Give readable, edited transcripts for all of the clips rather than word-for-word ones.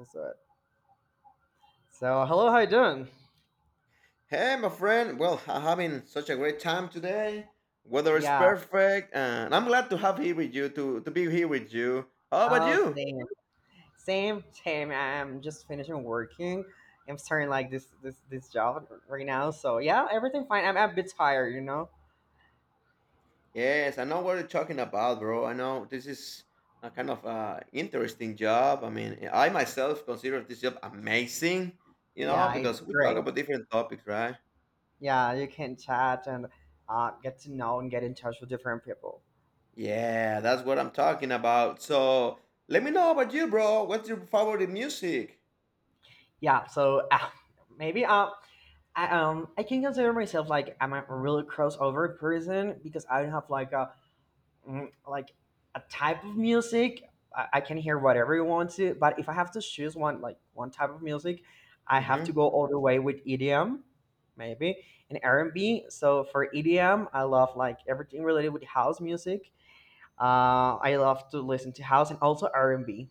That's right. So, hello, how you doing? Hey, my friend. Well, I'm having such a great time today. Weather is Yeah, perfect, and I'm glad to have here with you to be here with you. How about oh you? same. Same, same. I'm just finishing working. I'm starting like this job right now. So yeah, everything fine. I'm a bit tired, you know? Yes, I know what you're talking about, bro. I know this is a kind of interesting job. I mean, I myself consider this job amazing. You know, Yeah, it's because we talk great. about different topics, right? Yeah, you can chat and get to know and get in touch with different people. Yeah, that's what I'm talking about. So let me know about you, bro. What's your favorite music? Yeah, so maybe I can consider myself like I'm a really crossover person because I don't have like a like a type of music. I can hear whatever you want to, but if I have to choose one, like one type of music, I have to go all the way with edm maybe and r&b. So for edm, I love like everything related with house music. I love to listen to house and also r&b.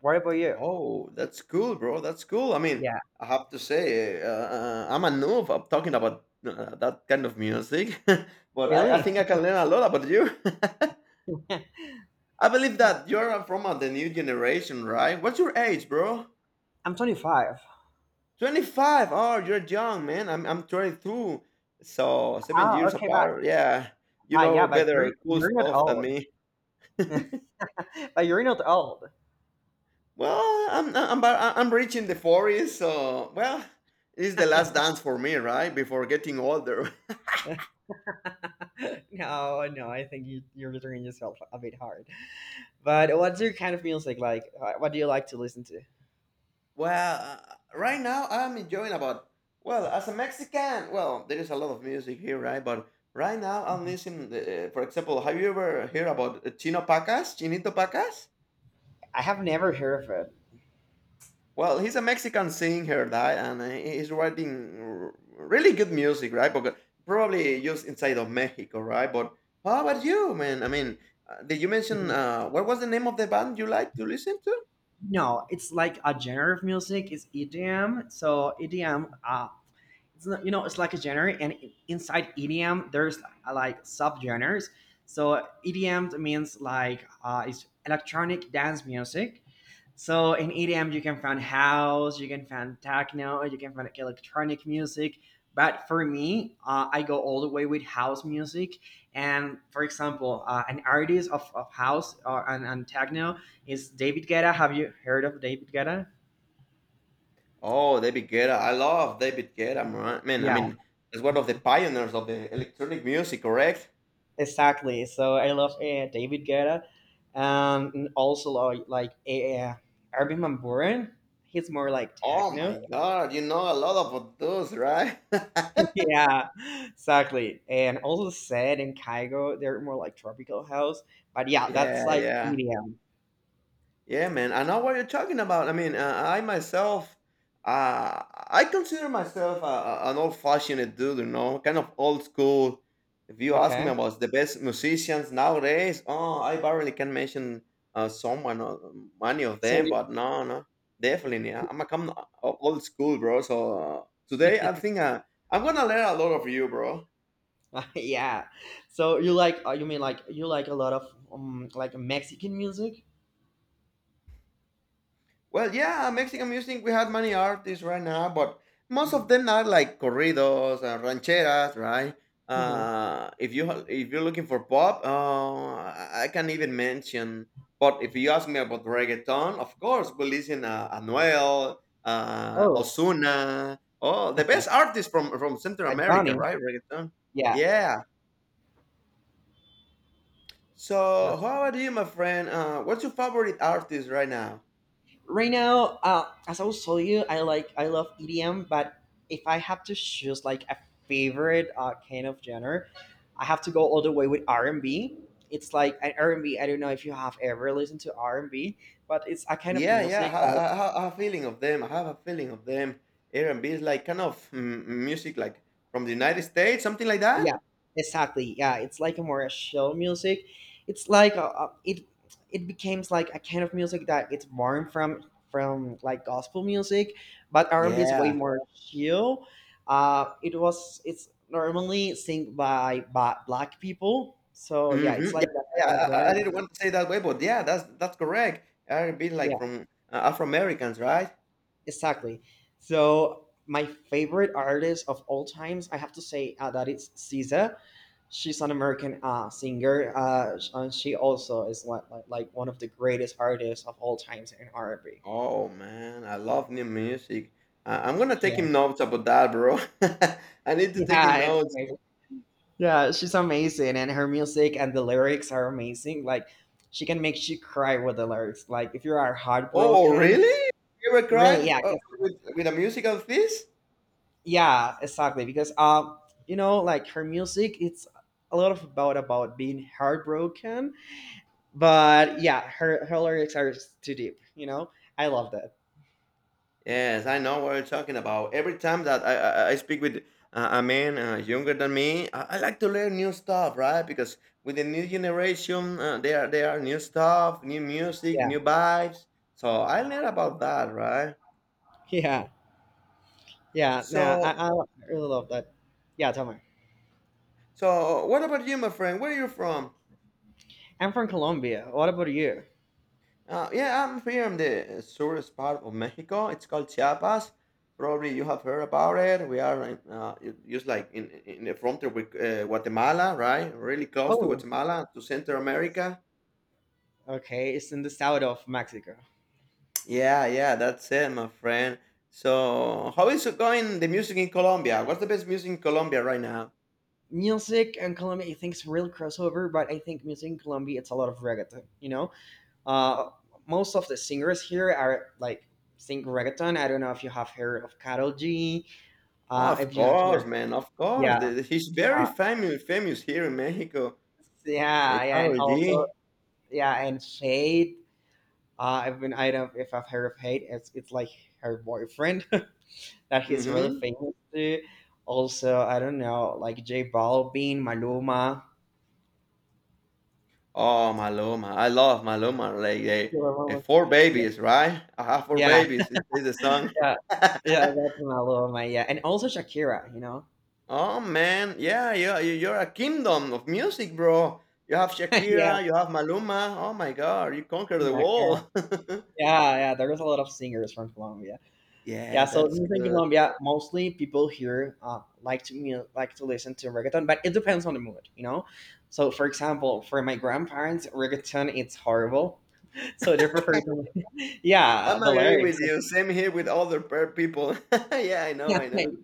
What about you? Oh, that's cool, bro. That's cool. I mean, Yeah, I have to say, I'm a noob. I'm talking about that kind of music, but I really. think I can learn a lot about you. I believe that you're from the new generation, right? What's your age, bro? I'm 25. 25. Oh, you're young, man. I'm 22. So, seven Oh years okay, but, apart. Yeah. You but yeah, know but you're, better cool you're not stuff than old. me. But you're not old. Well, I'm reaching the 40s. So, well, it's the last dance for me, right? Before getting older. No, no, I think you're returning yourself a bit hard. But what's your kind of music like? What do you like to listen to? Well, right now I'm enjoying about well, as a Mexican, well, there is a lot of music here, right? But right now I'm Mhm. listening. For example, have you ever heard about Chino Pacas, Chinito Pacas? I have never heard of it. Well, he's a Mexican singer, right? And he's writing really good music, right? But probably just inside of Mexico, right? But how about you, man? I mean, did you mention Mhm. What was the name of the band you like to listen to? No, it's like a genre of music. It's EDM. So EDM. It's not, you know it's like a genre, and inside edm there's like subgenres. So edm means like it's electronic dance music. So in edm you can find house, you can find techno, you can find like electronic music. But for me, I go all the way with house music. And for example an artist of house or, and techno is david guetta. Have you heard of david guetta? Oh, David Guetta. I love David Guetta, man. Man, I mean, he's one of the pioneers of the electronic music, correct? Exactly. So I love David Guetta, and also like Armin van Buuren. He's more like Oh techno. my God, you know a lot of those, right? Yeah, exactly. And also Zed and Kygo, they're more like tropical house. But yeah, that's Yeah, like yeah. EDM. Yeah, man. I know what you're talking about. I mean, I myself, uh, I consider myself an old-fashioned dude, you know, kind of old school. If you ask Okay. me about the best musicians nowadays, oh, I barely can mention someone or many of So them, you- but no, no, definitely. Yeah. I'm a come old school, bro. So today, I think I'm gonna learn a lot of you, bro. yeah, so you like, you mean like you like a lot of like Mexican music? Well, yeah, Mexican music, we have many artists right now, but most of them are like corridos and rancheras, right? Hmm. If you're looking for pop, I can even mention. But if you ask me about reggaeton, of course, we listen Anuel, Oh, Osuna, oh, the Bad best artists from Central America, Bunny. right? Reggaeton, Yeah. yeah. So, Yes. how about you, my friend? What's your favorite artist right now? Right now, as I was telling you, I love edm, but if I have to choose like a favorite kind of genre, I have to go all the way with r&b. It's like an r and B. I don't know if you have ever listened to r&b, but it's a kind of Yeah, yeah. music. I have a feeling of them. I have a feeling of them. R&B is like kind of music like from the United States, something like that. Yeah, exactly. Yeah, it's like a more a show music. It's like it becomes like a kind of music that it's born from like gospel music, but R and B is way Yeah. more chill. It's normally sing by black people. So yeah, hmm it's like Yeah, that yeah. kind of I genre. didn't want to say that way, but yeah, that's correct. R&B is Yeah. like from Afro Americans, right? Exactly. So my favorite artist of all times, I have to say that it's SZA. She's an American singer, and she also is like, like one of the greatest artists of all times in R&B. Oh man, I love new music. I'm gonna take Yeah, him notes about that, bro. I need to take yeah, him it's notes. amazing. Yeah, she's amazing, and her music and the lyrics are amazing. Like, she can make you cry with the lyrics. Like, if you are Oh, heartbroken, really? You ever really, cried yeah, with a musical of this? yeah, exactly, because you know like her music, it's a lot of about being heartbroken, but yeah, her lyrics are too deep, you know. I love that. Yes, I know what you're talking about. Every time that I speak with a man younger than me, I like to learn new stuff, right? Because with the new generation, there are new stuff, new music, Yeah. new vibes. So I learn about that, right? Yeah. Yeah, nah, So I really love that. Yeah Tamar. What about you, my friend? Where are you from? I'm from colombia. What about you? Yeah, I'm from the surest part of Mexico. It's called Chiapas. Probably you have heard about it. We are in, just like in, in the frontier with Guatemala, right? Really close to Oh Guatemala, to Central America. okay, it's in the south of mexico. Yeah, yeah, that's it, my friend. So, how is it going, the music in Colombia? What's the best music in Colombia right now? Music and colombia, I think it's real crossover, but I think music in colombia, it's a lot of reggaeton, you know. Uh, Most of the singers here are like sing reggaeton. I don't know if you have heard of Carol G. Oh, of if you have course, heard, man, of course. Yeah, He's uh, very famous, famous here in Mexico. Yeah, yeah, and Karol also G. yeah, and Shade. I've been, I don't if I've heard of Hate. It's like her boyfriend that he's really Mm-hmm. famous to. Also, I don't know, like J Balvin, Maluma. Oh, Maluma. I love Maluma. Like they, Maluma. four Yeah, babies, right? I have four yeah, babies. It is the song. yeah, yeah. That's Maluma. Yeah, and also Shakira. You know. Oh man, yeah, yeah. You're a kingdom of music, bro. You have Yeah, Shakira. You have Maluma. Oh my God, you conquered the yeah. world. Yeah, yeah, there is a lot of singers from Colombia. Yeah, Yeah, so that's music in good. Colombia, mostly people here like to like to listen to reggaeton, but it depends on the mood, you know. So, for example, for my grandparents, reggaeton it's horrible, so they prefer to, yeah, I'm the agree lyrics. with you. Same here with other people. Yeah, I know. I know.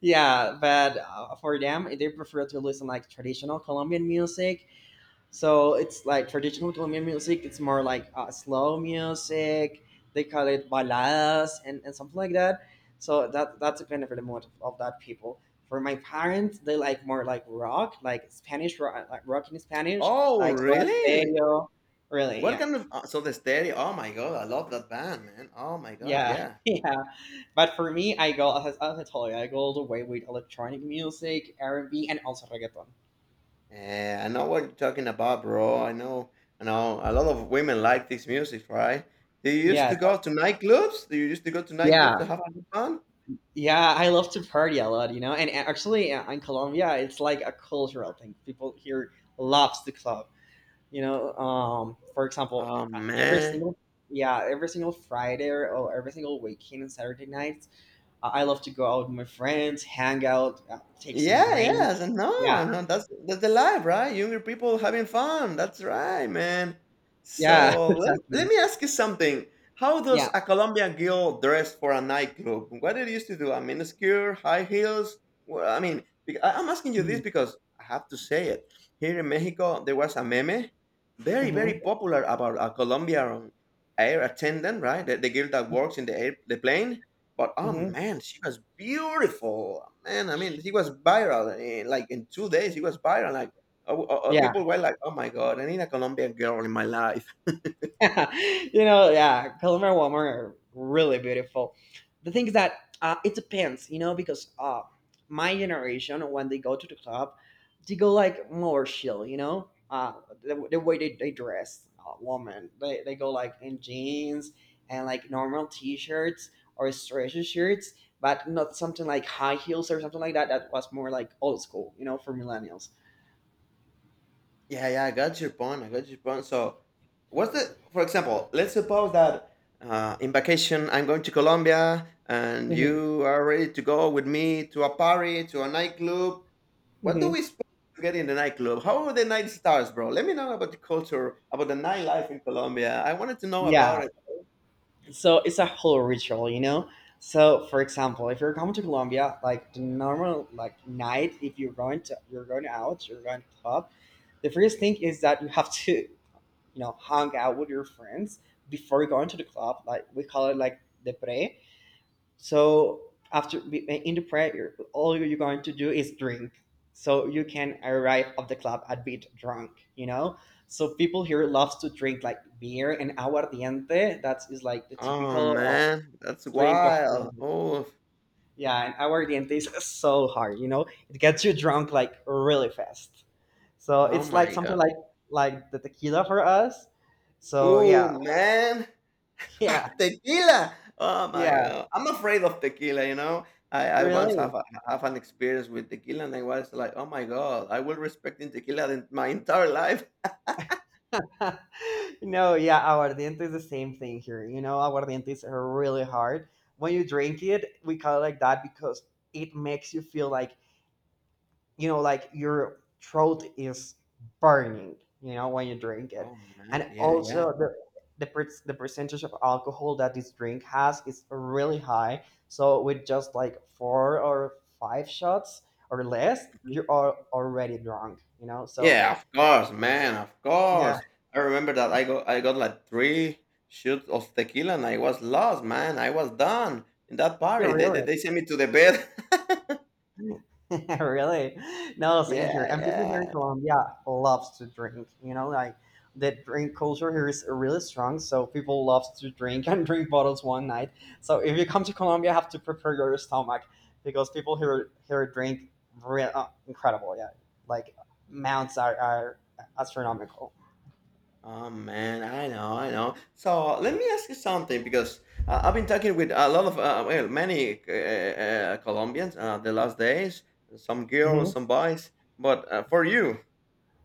Yeah, but for them, they prefer to listen like traditional Colombian music. So it's like traditional Colombian music. It's more like slow music. They call it baladas and something like that. So that that's kind of the mood of that people. For my parents, they like more like rock, like Spanish rock, like rock in Spanish, Oh, like Soda really? Stereo. Really, What yeah, kind of so the stereo? Oh my God, I love that band, man. Oh my gosh, yeah, yeah. yeah. But for me, I go as I told you, I go all the way with electronic music, R and B, and also reggaeton. Yeah, I know what you're talking about, bro. I know, I know. A lot of women like this music, right? Do you used Yes, to go to nightclubs? Do you used to go to nightclubs yeah. to have a good fun? Yeah, I love to party a lot, you know. And actually, in Colombia, it's like a cultural thing. People here loves to club, you know. For example, Oh every man. single yeah, every single Friday or every single weekend and Saturday nights, I love to go out with my friends, hang out, take some Yeah, drink. yes, and no, Yeah, no, that's the life, right? Younger people having fun. That's right, man. yeah, So let exactly. me ask you something. How does Yeah. a Colombian girl dress for a nightclub? What did you used to do? A miniskirt, high heels? Well, I mean, I'm asking you Mm-hmm. this because I have to say it. Here in Mexico, there was a meme, very, very Mm-hmm. popular about a Colombian air attendant, right? The girl that works in the air, the plane but oh Mm-hmm. man, she was beautiful, man. I mean, she was viral. Like in 2 days, she was viral. Like oh, oh, oh, Yeah. people were like, "Oh my god, I need a Colombian girl in my life." You know, yeah, Colombo and Walmart are really beautiful. The thing is that it depends, you know, because my generation, when they go to the club, they go like more chill, you know, the way they dress, woman, they go like in jeans and like normal t shirts or stretchy shirts, but not something like high heels or something like that. That was more like old school, you know, for millennials. Yeah, yeah, I got your point. I got your point. So, what's the, for example, let's suppose that in vacation I'm going to Colombia and Hmm. you are ready to go with me to a party, to a nightclub. What do Hmm. we expect to get in the nightclub? How are the night stars, bro? Let me know about the culture, about the nightlife in Colombia. I wanted to know Yeah, about so it's a whole ritual, you know. So for example, if you're coming to colombia, like the normal like night, if you're going to, you're going out, you're going to club, the first thing is that you have to, you know, hang out with your friends before going to the club. Like we call it like the pre. So after in the pre, all you're going to do is drink. So you can arrive at the club a bit drunk, you know. So people here loves to drink like beer and aguardiente, that is like the Oh, typical man, that's Brink of wild. Colombia. Oh, Yeah, and aguardiente is so hard, you know? It gets you drunk like really fast. So oh it's my like something god. Like the tequila for us. So Oh yeah. man. Yeah. Tequila. Oh Yeah, my god. I'm afraid of tequila, you know. I once have really. a, have an experience with tequila and I was like, oh my god, I will respect in tequila in my entire life. No, yeah, aguardiente is the same thing here. You know, Aguardiente is really hard. When you drink it, we call it like that because it makes you feel like, you know, like your throat is burning, you know, when you drink it. Oh man, And yeah, also yeah. The percentage of alcohol that this drink has is really high. So with just like four or five shots or less, Mhm. you are already drunk, you know, so Yeah, of course, man, of yeah. course. I remember that I got like three shoots of tequila and I was lost, man. I was done in that Yeah, party. They they, really. they sent me to the bed. Really? No, same here. Yeah, And people here in yeah. Colombia loves to drink. You know, like the drink culture here is really strong. So people love to drink and drink bottles one night. So if you come to Colombia, you have to prepare your stomach because people here drink real incredible. Yeah, like amounts are astronomical. Oh man, I know, I know. So let me ask you something because I've been talking with a lot of well, many Colombians the last days, some Hmm. girls, some boys. But for you,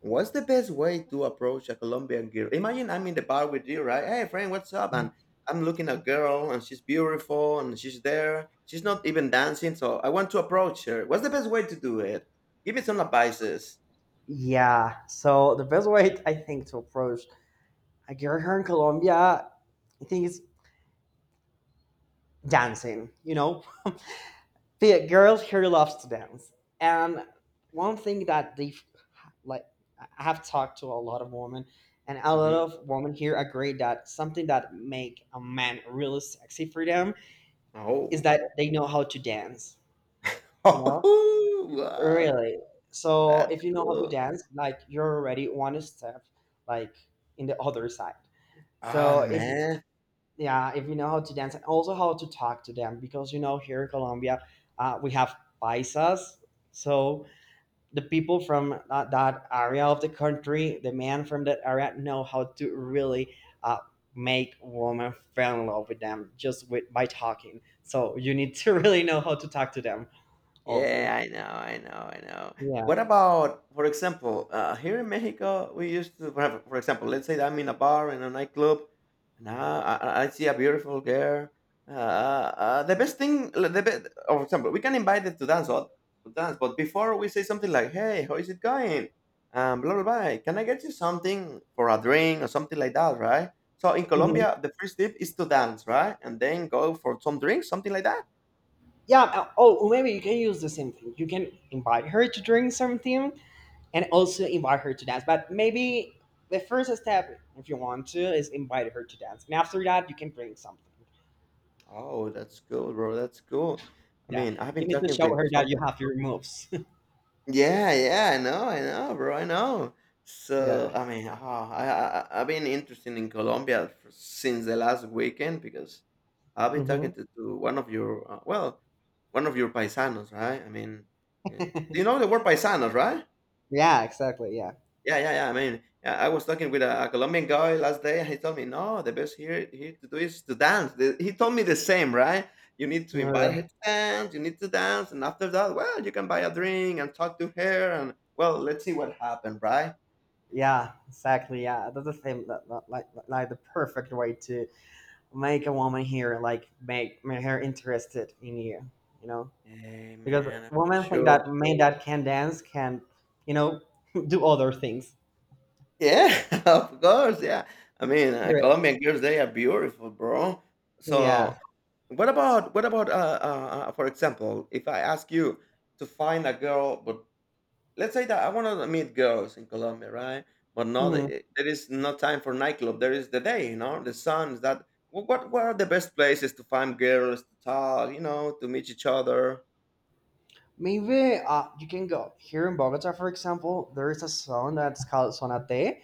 what's the best way to approach a Colombian girl? Imagine I'm in the bar with you, right? Hey, friend, what's up? And I'm looking at a girl, and she's beautiful, and she's there. She's not even dancing, so I want to approach her. What's the best way to do it? Give me some advices. Yeah. So the best way I think to approach a girl here in Colombia, I think, is dancing. You know, so yeah, girls here loves to dance. And one thing that they like, I have talked to a lot of women, and a lot hmm of women here agree that something that make a man really sexy for them is Oh. that they know how to dance, you know. Oh, wow. Really? So That's if you know how to cool. dance, like you're already one step like in the other side. Ah, So if man. yeah, if you know how to dance and also how to talk to them, because you know here in colombia, we have paisas. So the people from that area of the country, the men from that area, know how to really uh, make women fall in love with them just with by talking. So you need to really know how to talk to them also. Yeah, I know, I know, I know. Yeah. What about, for example, here in Mexico, we used to, for example, let's say I'm in a bar in a nightclub, and I see a beautiful girl. The best thing, the best, for example, we can invite them to dance, or, to dance, but before we say something like, "Hey, how is it going?" Blah blah blah. Can I get you something for a drink or something like that, right? So in Mhm. Colombia, the first tip is to dance, right, and then go for some drinks, something like that. Yeah. Oh, maybe you can use the same thing. You can invite her to drink something and also invite her to dance. But maybe the first step, if you want to, is invite her to dance. And after that, you can bring something. Oh, that's cool, bro. That's cool. I Yeah. mean, I've You been need to talking show with her that you some. have your moves. Yeah, yeah, I know, bro. I know. Yeah. So, I mean, ah, I've been interested in Colombia for, since the last weekend because I've been talking Mhm. To one of your well, one of your paisanos, right? I mean, yeah. Do you know the word paisanos, right? Yeah, exactly. Yeah. Yeah, yeah, yeah. I mean, yeah, I was talking with a Colombian guy last day, and he told me, "No, the best here to do is to dance." He told me the same, right? You need to invite Yeah, her to dance. You need to dance, and after that, well, you can buy a drink and talk to her, and well, let's see what happened, right? yeah, exactly. Yeah, that's the same. Like the perfect way to make a woman here, like make her interested in you. You know, Hey, because man, for women think sure. that men that can dance can, you know, do other things. Yeah, of course. Yeah, I mean, Correct. Colombian girls they are beautiful, bro. So, Yeah. What about for example, if I ask you to find a girl, but let's say that I want to meet girls in Colombia, right? But no, Hmm. There is no time for nightclub. There is the day, you know, the sun is that. What are the best places to find girls to talk, to meet each other? Maybe you can go here in Bogota, for example. There is a song that's called Sonate.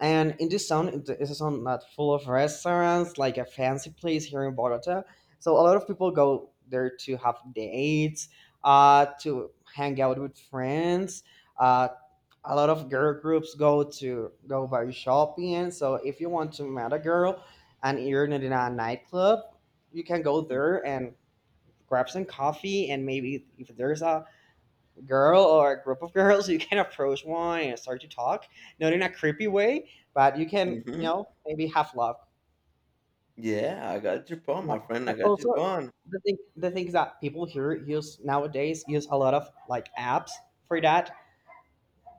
And in this town, it is a town not full of restaurants, like a fancy place here in Bogota. So a lot of people go there to have dates, to hang out with friends. Uh, a lot of girl groups go to go by shopping. So if you want to meet a girl and you're not in a nightclub, you can go there and grab some coffee, and maybe if there's a girl or a group of girls, you can approach one and start to talk, not in a creepy way, but you can, Mm-hmm. Maybe have love. Yeah, I got your point, Yeah, my friend. I but got your also point. the things that people here use nowadays use a lot of like apps for that,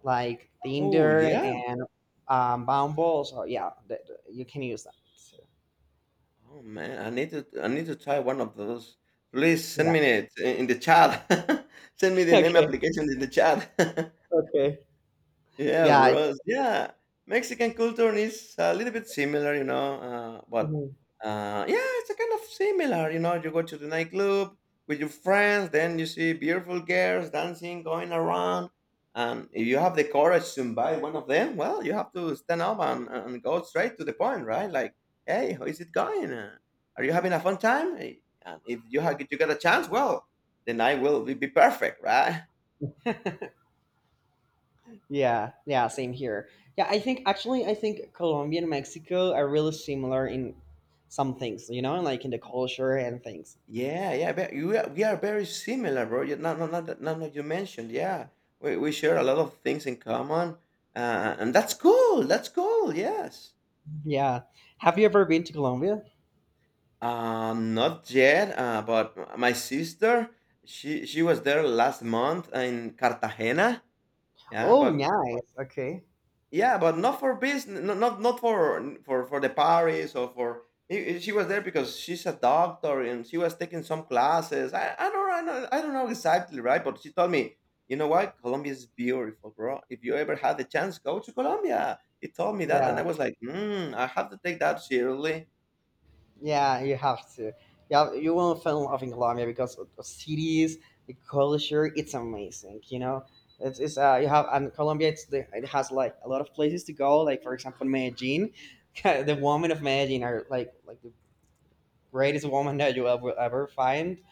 like Oh Tinder yeah. and Bumble. So yeah, you can use that. So, Oh man, I need to try one of those. Please yeah. send me it in the chat. Send me the name Okay. application in the chat. Okay. Yeah, Yeah. bros. Yeah, Mexican culture is a little bit similar, you know. But mhm. Yeah, it's a kind of similar, you know. You go to the nightclub with your friends, then you see beautiful girls dancing, going around, and if you have the courage to invite one of them, well, you have to stand up and go straight to the point, right? Like, hey, how is it going? Are you having a fun time? And if you have, you get a chance, well, the night will be perfect, right? Yeah, yeah, same here. Yeah, I think Colombia and Mexico are really similar in some things, you know, like in the culture and things. Yeah, yeah, but we are very similar, bro. You, no, no, no, that- no, no. You mentioned, yeah, we share a lot of things in common, and that's cool. That's cool. Yes. Yeah. Have you ever been to Colombia? Not yet. But my sister, she was there last month in Cartagena. Yeah, Oh, but nice. Okay. Yeah, but not for business, not for for the Paris or for. She was there because she's a doctor and she was taking some classes. I don't know exactly right, but she told me, you know what, Colombia is beautiful, bro. If you ever had the chance, go to Colombia. He told me that, Yeah, and I was like, I have to take that seriously. yeah, you have to. Yeah, you will fall in love in Colombia because of the cities, the culture, it's amazing. It's you have, and Colombia it has like a lot of places to go, like for example Medellin. The women of Medellin are like greatest woman that you will ever find.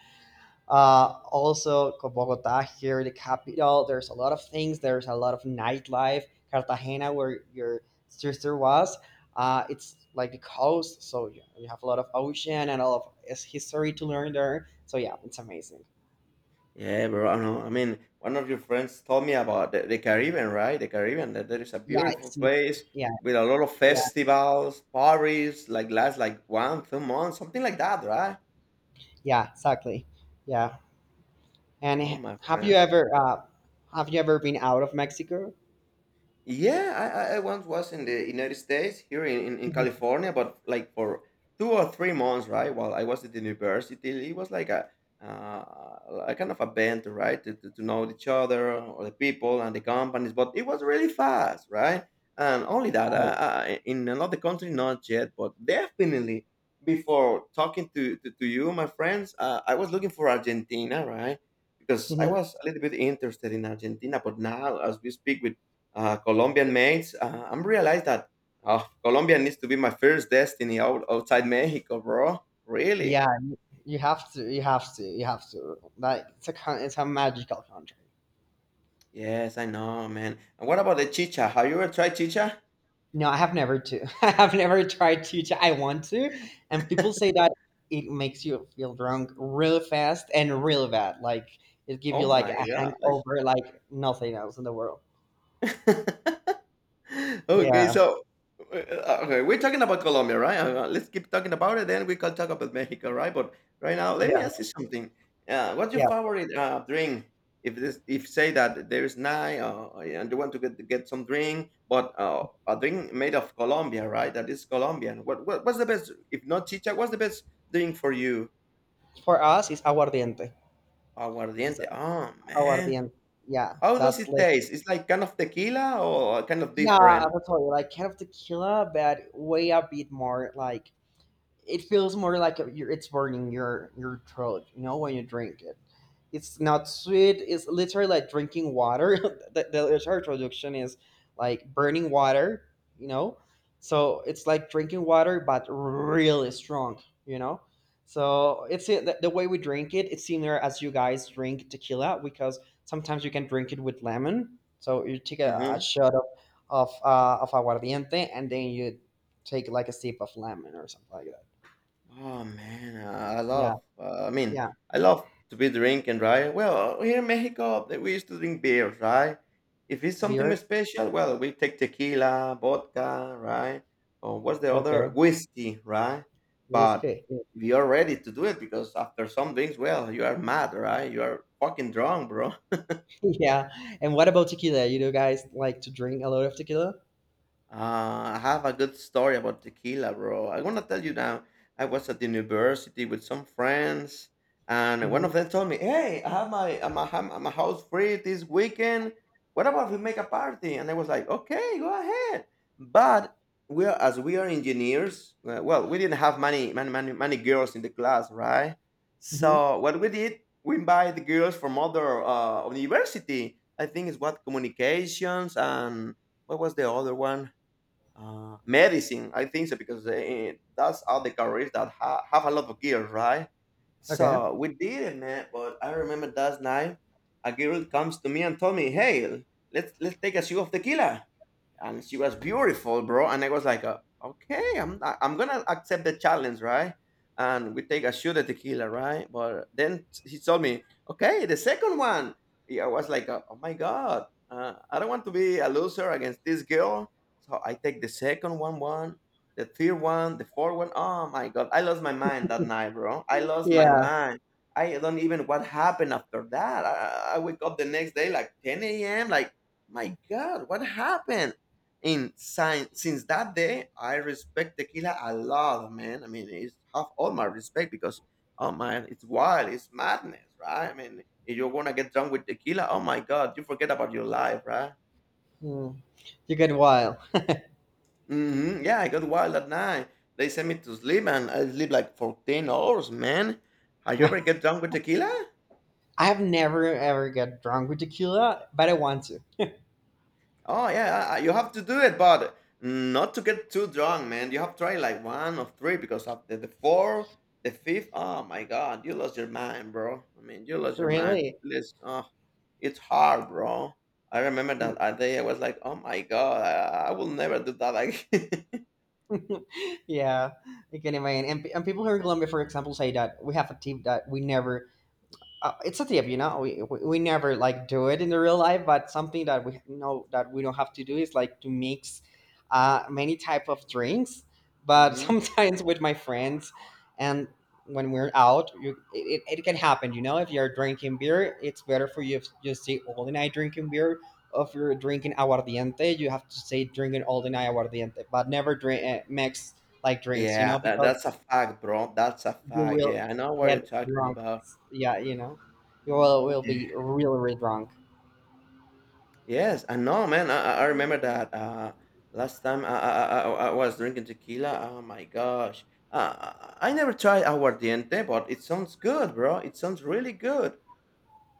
Also, Bogota here, the capital, there's a lot of things. There's a lot of nightlife. Cartagena, where your sister was, it's like the coast, so you have a lot of ocean and a lot of history to learn there. So yeah, it's amazing. Yeah, bro. I know. I mean, one of your friends told me about the Caribbean, right? The Caribbean. That there is a Yeah, beautiful it's place yeah, with a lot of yeah, festivals, parties, like last like one, 2 months, something like that, right? yeah, exactly. Yeah. And Oh, my have you friend. ever been out of Mexico? Yeah, I once was in the United States here in Mhm. California, but like for 2 or 3 months, right? While I was at the university, it was like a kind of a band, right? To know each other or the people and the companies, but it was really fast, right? And only that, Right. In another country, not yet, but definitely before talking to you, my friends, I was looking for Argentina, right? Because I Mhm. was a little bit interested in Argentina, but now as we speak with Colombian mates. I'm realized that Colombia needs to be my first destiny outside Mexico, bro. Really? Yeah, you have to. You have to. You have to. Like it's a it's a magical country. Yes, I know, man. And what about the chicha? Have you ever tried chicha? No, I have never to. I have never tried to. I want to, and people say that it makes you feel drunk real fast and real bad. Like it give Oh you like my a hangover, like nothing else in the world. god. Okay, Yeah, so okay, we're talking about Colombia, right? Let's keep talking about it, then we can talk about Mexico, right? But right now, let yeah, me ask you something. What's your yeah. favorite drink? If say that there is nine, and you want to get some drink, but a drink made of Colombia, right? That is Colombian. What's the best? If not chicha, what's the best drink for you? For us, it's aguardiente. It's Aguardiente. Oh man, aguardiente. Yeah, how does that's it like taste? It's like kind of tequila or kind of yeah, different. that's all. Like kind of tequila, but way a bit more like it feels more like it's burning your throat, when you drink it. It's not sweet, it's literally like drinking water. The entire traduction is like burning water, you know so it's like drinking water but really strong, so it's the way we drink it, it's similar as you guys drink tequila, because sometimes you can drink it with lemon, so you take a Mm-hmm. shot of aguardiente, and then you take like a sip of lemon or something like that. Oh man, I Yeah, love. Yeah. I love to be drinking, right? Well, here in Mexico, that we used to drink beers, right? If it's something Beer? special, well, we take tequila, vodka, right? Or what's the Okay. other whiskey, right? But Whiskey. we are ready to do it because after some drinks, well, you are mad, right? You are fucking drunk, bro. Yeah. And what about tequila? You do guys like to drink a lot of tequila? I have a good story about tequila, bro. I want to tell you now. I was at the university with some friends, and one Mm-hmm. of them told me, "Hey, I have my I'm a, I'm I'm a house free this weekend. What about we make a party?" And I was like, "Okay, go ahead." But we are engineers. Well, we didn't have many girls in the class, right? Mm-hmm. So what we did, we invite the girls from other university. I think it's what communications and what was the other one? Medicine, I think so, because that's all the careers that have a lot of gear, right? Okay. So we did it, man. But I remember that night, a girl comes to me and told me, "Hey, let's take a shot of tequila." And she was beautiful, bro. And I was like, okay, I'm gonna accept the challenge, right? And we take a shot of tequila, right? But then he told me, okay, the second one. Yeah, I was like, oh my god, I don't want to be a loser against this girl. So I take the second one, the third one, the fourth one. Oh my god, I lost my mind that night, bro. I lost my Yeah. mind. I don't even what happened after that. I wake up the next day like 10 a.m. Like, my god, what happened? In since that day, I respect tequila a lot, man. I mean, it's have all my respect because oh man, it's wild, it's madness, right? I mean, if you're gonna get drunk with tequila, oh my god, you forget about your life, right? Mm. You get wild. Hmm. Yeah, I got wild at night. They sent me to sleep, and I sleep like 14 hours, man. Have you I ever get drunk with tequila? have never ever get drunk with tequila, but I want to. Oh yeah, you have to do it, but not to get too drunk, man. You have to try like one or three because after the four, the fifth, oh my god, you lost your mind, bro. I mean, you lost your mind. Really? It's, oh, it's hard, bro. I remember that day I was like, oh my god, I will never do that again. Yeah, I can imagine. And people here in Colombia, for example, say that we have a tip that we never it's a tip, we, we never like do it in the real life, but something that we know that we don't have to do is like to mix many type of drinks, but Hmm. sometimes with my friends, and when we're out you, it can happen, if you're drinking beer, it's better for you if you stay all the night drinking beer. If you're drinking aguardiente, you have to stay drinking all the night aguardiente, but never drink mix like drinks, Yeah, because that's a fact, bro. That's a you fact. will Yeah, I know what you're get talking drunk. about. Yeah, you will be really, really drunk. Yes, and no, man. I remember that last time I was drinking tequila. Oh my gosh. I never tried aguardiente, but it sounds good, bro. It sounds really good.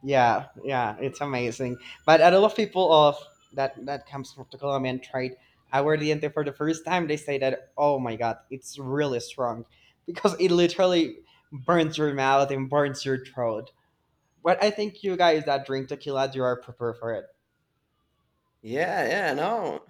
Yeah, yeah, it's amazing. But a lot of people of that comes from the Colombian trade, I were the ente for the first time. They say that, oh my god, it's really strong because it literally burns your mouth and burns your throat. But I think you guys that drink tequila, you are prepared for Yeah, yeah, no.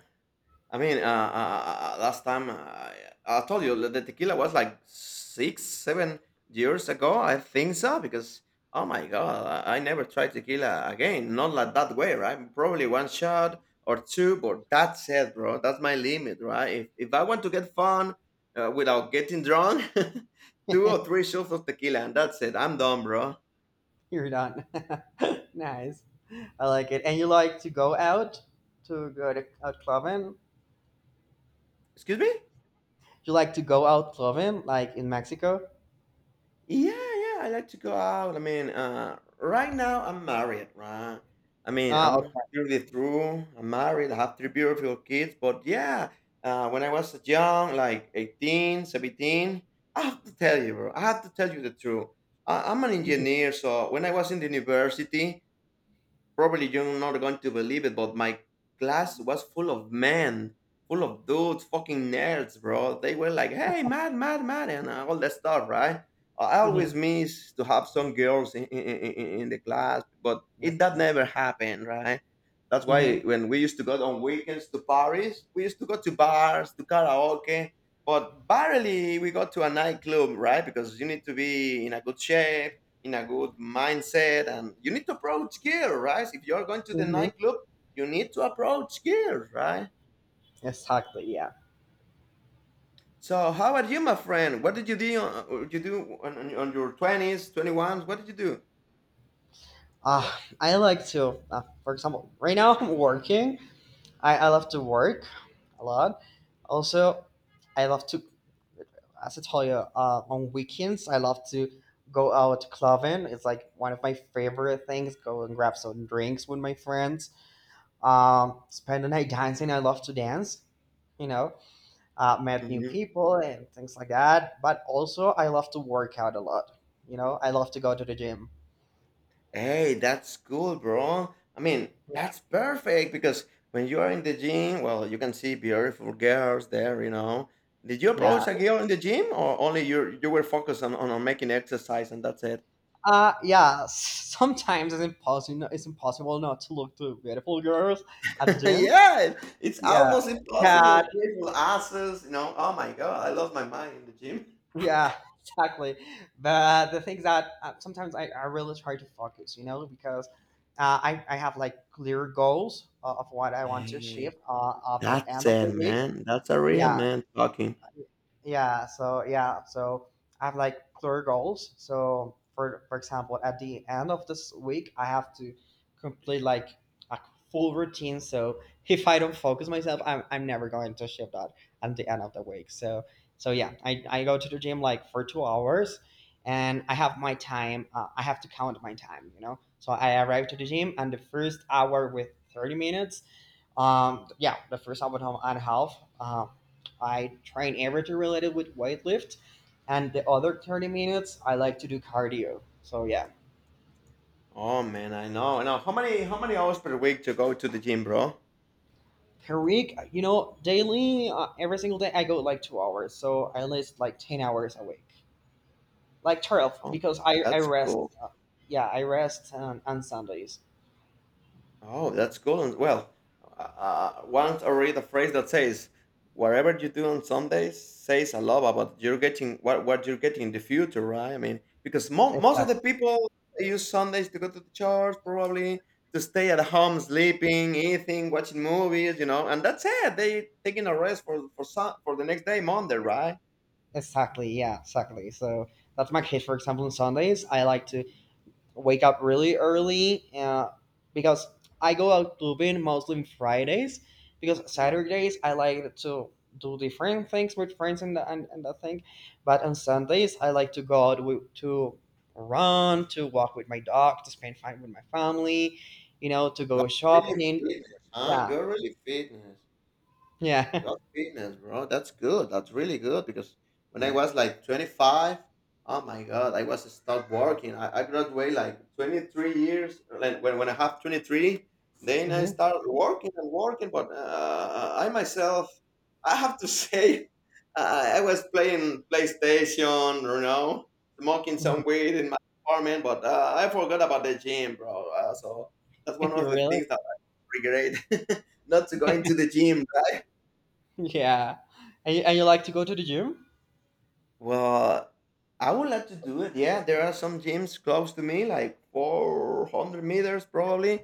Last time I told you that the tequila was like six, 7 years ago. I think so because oh my god, I never tried tequila again. Not like that way, right? Probably one shot or two, but that's it, bro. That's my limit, right? If I want to get fun without getting drunk, two it. or three shots of tequila, and that's it. I'm done, bro. You're done. Nice. I like it. And you like to go out to go to a club, Excuse me. you like to go out clubbing, like in Mexico? Yeah, yeah, I like to go out. I mean, right now I'm married, right? I mean, Ah, I'm okay. 30 through. I'm married. I have three beautiful kids. But yeah, when I was young, like 18, 17, I have to tell you, bro. I have to tell you the truth. I'm an engineer, so when I was in the university, probably you're not going to believe it, but my class was full of men, full of dudes, fucking nerds, bro. They were like, "Hey, mad, mad, mad," and all that stuff, right? I always Mm-hmm. miss to have some girls in the class, but it That's that nice. never happened, right? That's Mm-hmm. why when we used to go on weekends to Paris, we used to go to bars, to karaoke, but barely we got to a nightclub, right? Because you need to be in a good shape, in a good mindset, and you need to approach gear, right? If you're going to the Mm-hmm. nightclub, you need to approach gear, right? Exactly. Yeah. So how about you, my friend? What did you do? What you do on your 20s 21s, what did you do? Ah, I like to. For example, right now I'm working. I love to work a lot. Also, I love to, as I told you, on weekends I love to go out clubbing. It's like one of my favorite things. Go and grab some drinks with my friends. Spend the night dancing. I love to dance. You know, met new Mhm. people and things like that. But also, I love to work out a lot. You know, I love to go to the gym. Hey, that's cool, bro. I mean, that's perfect because when you are in the gym, well, you can see beautiful girls there, you know. Did you Yeah. approach a girl in the gym, or only you were focused on making exercise and that's it? Yeah. Sometimes it's impossible. It's impossible not to look to beautiful girls at the gym. Yeah, it's Yeah. almost Yeah. impossible. Beautiful asses, you know. Oh my god, I lost my mind in the gym. Yeah. Exactly. But the thing is that sometimes I really try to focus. You know, because I have like clear goals of what I want to achieve Hey, at the that's end of the it, week. man. That's a real Yeah man talking. yeah so yeah, so I have like clear goals, so for example at the end of this week I have to complete like a full routine. So if I don't focus myself, I'm never going to achieve that at the end of the week. So yeah, I go to the gym like for 2 hours, and I have my time. I have to count my time, so I arrive to the gym, and the first hour with 30 minutes, yeah, the first half on half, I train everything related with weightlift, and the other 30 minutes I like to do cardio. So yeah, Oh man, I know. I know. How many hours per week to go to the gym, bro? per week, daily, every single day I go like 2 hours, so I list like 10 hours a week, like 12, Oh, because I that's rest. cool. Yeah, I rest on Sundays. Oh, that's cool. And well, once I read a phrase that says, "Whatever you do on Sundays says a lot about you're getting what you're getting in the future," right? I mean, because most of the Exactly. people use Sundays to go to the church, probably to stay at home, sleeping, eating, watching movies, you know, and that's it. They taking a rest for for the next day, Monday, right? Exactly. Yeah. Exactly. So that's my case. For example, on Sundays, I like to wake up really early, because I go out clubbing mostly on Fridays, because hmm Saturdays I like to do different things with friends, and that thing. But on Sundays I like to go out to run, to walk with my dog, to spend time with my family, you know, to You're go really shopping. fitness, huh? Yeah, You're really fitness. yeah. Your fitness, bro. That's good. That's really good because when I— yeah— was like 25, oh my God, I was start working. I graduated like 23 years. Like when I have 23, then I Hmm. start working and working. But I myself, I have to say, I was playing PlayStation, you know, smoking some weed in my apartment, but I forgot about the gym, bro. So that's one You of the really? things that I regret, not to go into the gym. Right? Yeah. And you like to go to the gym? Well, I would like to do it. Yeah, there are some gyms close to me, like 400 meters probably.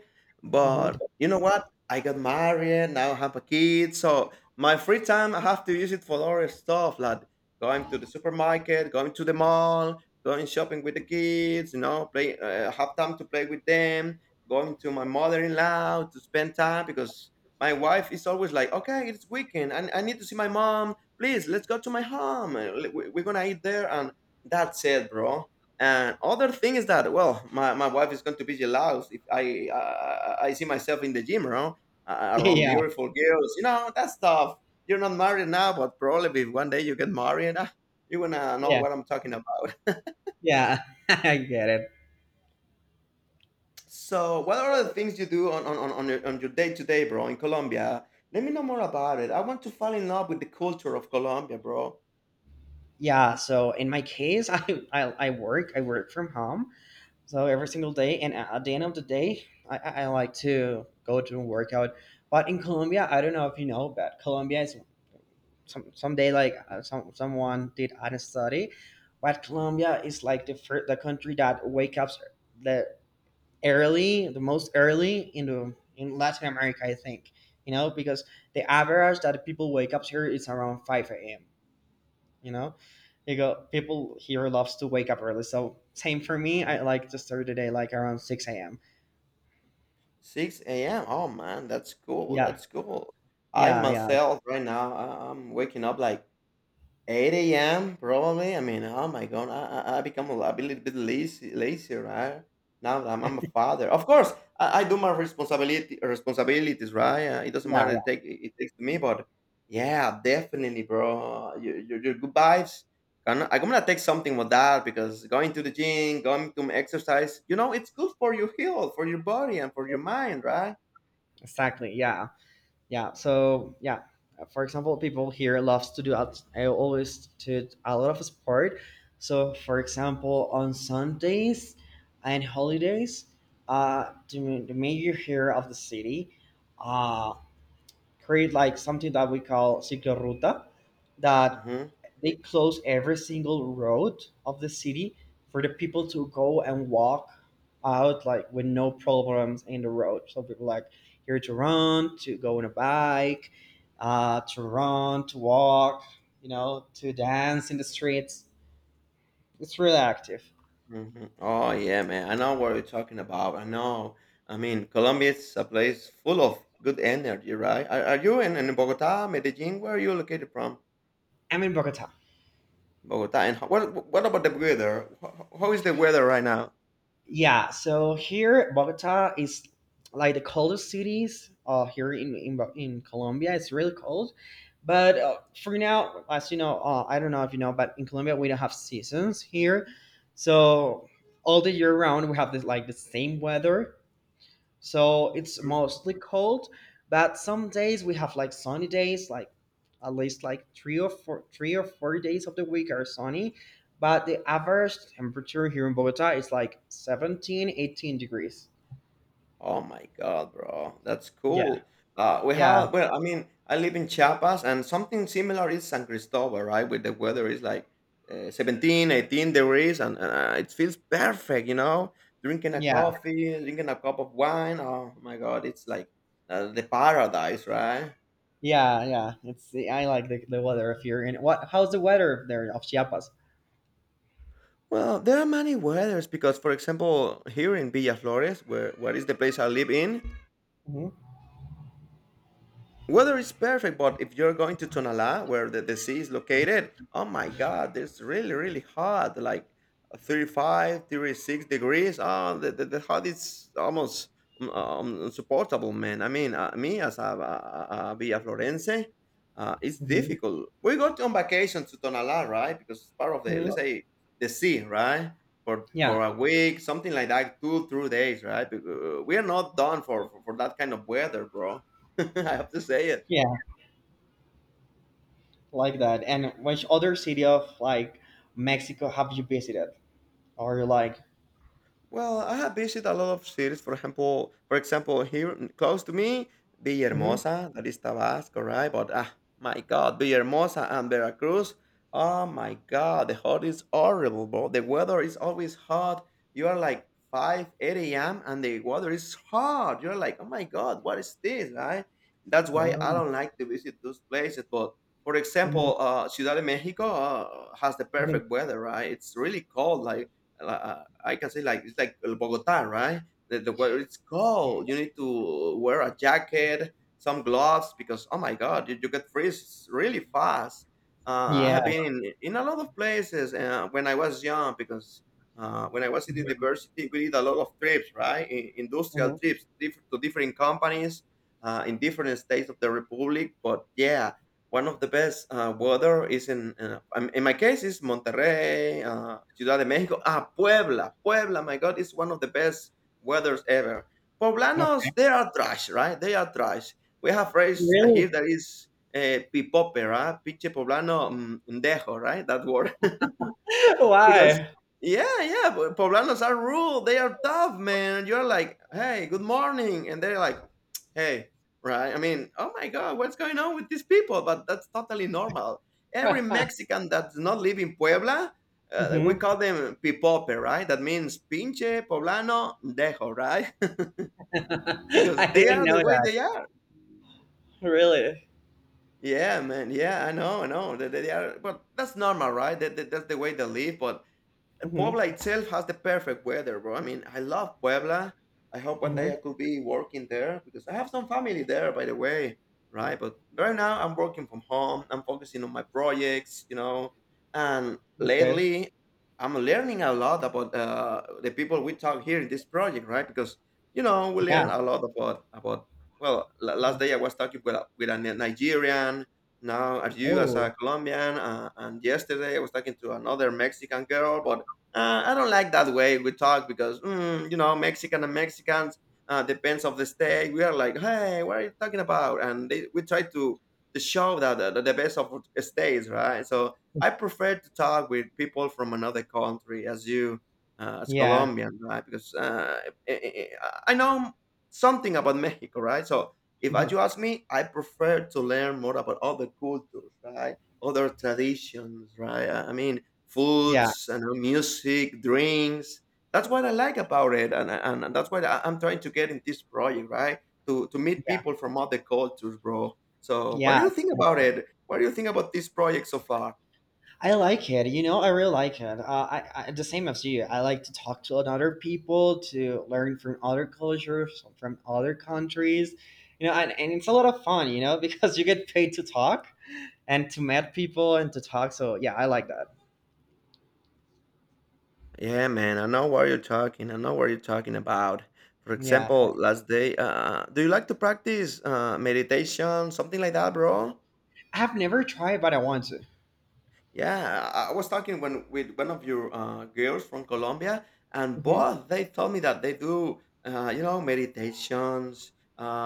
Hmm. But you know what? I got married, now I have a kid. So my free time, I have to use it for other stuff, like going to the supermarket, going to the mall, going shopping with the kids, you know, play, have time to play with them, going to my mother in law to spend time because my wife is always like, okay, it's weekend. I need to see my mom, please, let's go to my home, we're gonna eat there, and that's it, bro. And other thing is that, well, my wife is going to be jealous if I see myself in the gym, bro, around Yeah, beautiful girls, you know, that stuff. You're not married now, but probably if one day you get married, ah, you're gonna know yeah, what I'm talking about. yeah. I get it. So what are the things you do on on your on your day-to-day, bro, in Colombia? Let me know more about it. I want to fall in love with the culture of Colombia, bro. Yeah, so in my case, I I work from home, so every single day, and at the end of the day, I like to go to and work out. But in Colombia, I don't know if you know, but Colombia is someday, like someone did a study, but Colombia is like the country that wake up the the most early in the in Latin America, I think. You know, because the average that people wake up here is around 5 a.m. you know you go, people here loves to wake up early, so same for me. I Oh, like to start the day like around 6 a.m. 6 a.m. Oh man, that's cool. Yeah. That's cool. I Yeah, yeah, myself right now, I'm waking up like 8 a.m. probably. I mean, oh my god, I become a little bit lazy, lazy, right? Now that I'm a father, of course, I do my responsibility responsibilities, right? It doesn't yeah, matter. yeah, It takes to me, but yeah, definitely, bro. Your your good vibes. I'm not- I'm gonna take something with that because going to the gym, going to exercise, you know, it's good for your health, for your body, and for your mind, right? exactly. Yeah, yeah. So yeah, for example, people here loves to I always do a lot of sport, so for example on Sundays and holidays, the mayor here of the city uh create like something that we call cicloruta, that hmm they close every single road of the city for the people to go and walk out, like with no problems in the road, so people like here to run, to go on a bike, to run, to walk, to dance in the streets. It's really active. Mhm. Oh yeah, man. I know what you're talking about. I know. I mean, Colombia is a place full of good energy, right? Are you in Bogota, Medellin? Where are you located from? I'm in Bogota. Bogota. And what what about the weather? How is the weather right now? Yeah, so here Bogota is like the coldest cities, here in Colombia. It's really cold, but for now, as you know, I don't know if you know, but in Colombia we don't have seasons here, so all the year round we have this like the same weather. So it's mostly cold, but some days we have like sunny days, like at least like 3 or 4 days of the week are sunny. But the average temperature here in Bogota is like 17, 18 degrees. Oh my god, bro. That's Yeah, cool. We yeah, have, well, I mean, I live in Chiapas and something similar is San Cristobal, right? With the weather is like 17, 18 degrees, and it feels perfect, you know? Drinking a yeah, coffee, drinking a cup of wine. Oh my god, it's like the paradise, right? yeah, yeah. It's I like the weather of here. And what? How's the weather there of Chiapas? Well, there are many weathers because, for example, here in Villa Flores, where is the place I live in, Hmm. weather is perfect, but if you're going to Tonala, where the sea is located, oh my God, it's really, really hot, like 35, 36 degrees. Oh, the hot is almost insupportable, man. I mean, me as a Villa Florense, it's Hmm. difficult. We got on vacation to Tonala, right? Because it's part of the, Hmm. let's say, the sea, right? Yeah, For a week, something like that, two, 3 days, right? Because we are not done for, that kind of weather, bro. I have to say it. yeah, like that. And which other city of like Mexico have you visited? Or like, Well, I have visited a lot of cities. For example, here, mm, close to me, Villahermosa, that is Tabasco, right? But ah, my God, Villahermosa and Veracruz. Oh my God, the hot is horrible, bro. The weather is always hot. You are like 5, 8 a.m. and the weather is hot. You're like, oh my God, what is this, right? That's why I mm-hmm. don't like to visit those places. But for Mhm, example, Ciudad de Mexico has the mhm. perfect weather, right? It's really cold, like I can say like it's like Bogota, right? The weather it's cold. You need to wear a jacket, some gloves because oh my god, you get freeze really fast. I Yeah. have been in a lot of places, when I was young because when I was in Mhm, university, we did a lot of trips, right? In, industrial mhm. trips to different companies, in different states of the republic. But yeah, one of the best weather is in my case, is Monterrey, Ciudad de Mexico. Ah, Puebla. Puebla, my God, is one of the best weathers ever. Okay. Poblanos, they are trash, right? They are trash. We have raised here Really? that is, pipope, right? Piche poblano, mm, dejo, right? That word. Because Why? yeah, yeah, but poblanos are rude. They are tough, man. And you're like, hey, good morning, and they're like, hey, right? I mean, oh my god, what's going on with these people? But that's totally normal. Every Mexican that's not live in Puebla, we Mhm. call them pipope, right? That means pinche poblano dejo, right? Because I they didn't are know the way that. they are. Really? Yeah, man. Yeah, I know, I know. They are, but that's normal, right? That's the way they live. But Mhm, Puebla itself has the perfect weather, bro. I mean, I love Puebla. I hope one mhm. day I could be working there because I have some family there, by the way, right? But right now I'm working from home. I'm focusing on my projects, you know. And Okay. lately, I'm learning a lot about the people we talk here in this project, right? Because you know we Yeah. learn a lot about about. Well, last day I was talking with with a Nigerian. Now, are you as a Oh, Colombian? And yesterday I was talking to another Mexican girl, but I don't like that way we talk because, mm, you know Mexican and Mexicans, depends of the state. We are like, hey, what are you talking about? And they, we try to show that the, the best of states, right? So I prefer to talk with people from another country, as you, as yeah. Colombian, right? Because I, I I know something about Mexico, right? So if Mhm. you ask me, I prefer to learn more about other cultures, right? Other traditions, right? I mean, Yeah, foods and, music, drinks. That's what I like about it, and that's what I'm trying to get in this project, right? To meet yeah, people from other cultures, bro. So, what yeah, do you think about it? What do you think about this project so far? I like it. You know, I really like it. I the same as you. I like to talk to other people, to learn from other cultures, from other countries. You know, and it's a lot of fun. You know, because you get paid to talk and to meet people and to talk. So yeah, I like that. Yeah, man, I know what you're talking. I know what you're talking about. For Yeah, example, last day, do you like to practice, meditation, something like that, bro? I have never tried, but I want to. Yeah, I was talking when with one of your, girls from Colombia, and Hmm. both they told me that they do, you know, meditations.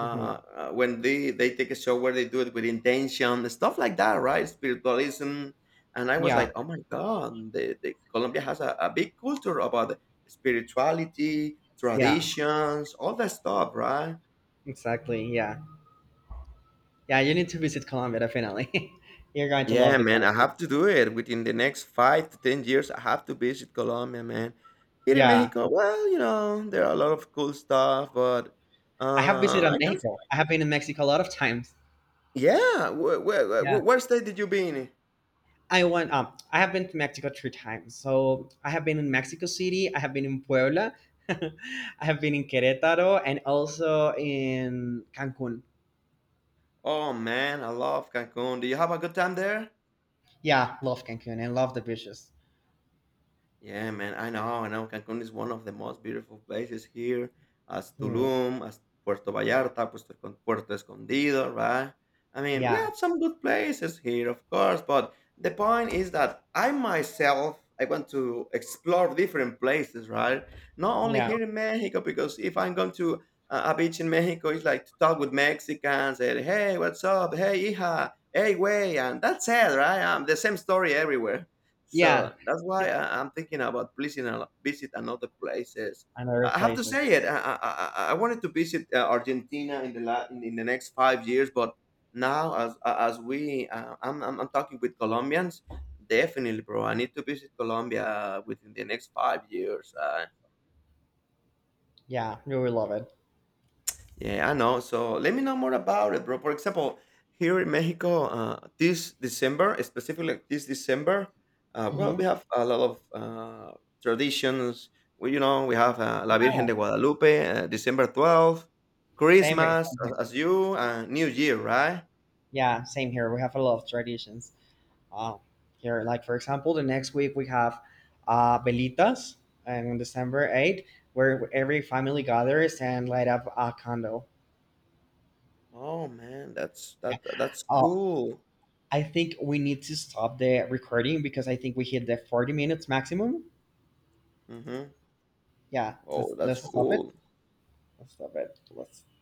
Hmm. uh, When they take a shower, they do it with intention, stuff like that, right? Spiritualism, and I was Yeah, like, oh my god, the Colombia has a big culture about spirituality, yeah, traditions, all that stuff, right? exactly. Yeah, yeah. You need to visit Colombia definitely. You're going to Yeah, love the man, I country. have to do it within the next 5 to 10 years. I have to visit Colombia, man. Here in Yeah, Mexico, well, you know, there are a lot of cool stuff, but I have visited I guess, Mexico. I have been in Mexico a lot of times. yeah. Yeah, Where state did you been in? I went. I have been to Mexico three times. So I have been in Mexico City. I have been in Puebla. I have been in Querétaro and also in Cancun. Oh man, I love Cancun. Do you have a good time there? Yeah, love Cancun and love the beaches. Yeah, man, I know, I know. Cancun is one of the most beautiful places here, as Hmm. Tulum, as Puerto Vallarta, Puerto Escondido, right? I mean, we Yeah. have some good places here, of course, but the point is that I myself, I want to explore different places, right? Not only Yeah, here in Mexico, because if I'm going to a beach in Mexico, it's like to talk with Mexicans and, hey, what's up? Hey, hija, hey, way, and that's it, right? The same story everywhere. yeah, So that's why I'm thinking about pleasing a, visit another places. and I I have to replace it. say it. I wanted to visit Argentina in the next 5 years, but now as we I'm talking with Colombians, definitely, bro. I need to visit Colombia within the next 5 years. Yeah, you will love it. Yeah, I know. So let me know more about it, bro. For example, here in Mexico, this December, specifically this December, well, Hmm. we have a lot of traditions. We, you know, we have La Yeah, Virgen de Guadalupe, December 12th, Christmas same here. As you, New Year, right? Yeah, same here. We have a lot of traditions, uh, here. Like for example, the next week we have velitas, and on December 8th, where every family gathers and light up a candle. Oh man, that's that's Oh, cool. I think we need to stop the recording because I think we hit the 40 minutes maximum. hmm Yeah, let's Oh, that's let's stop it. cool. Let's stop it. Let's.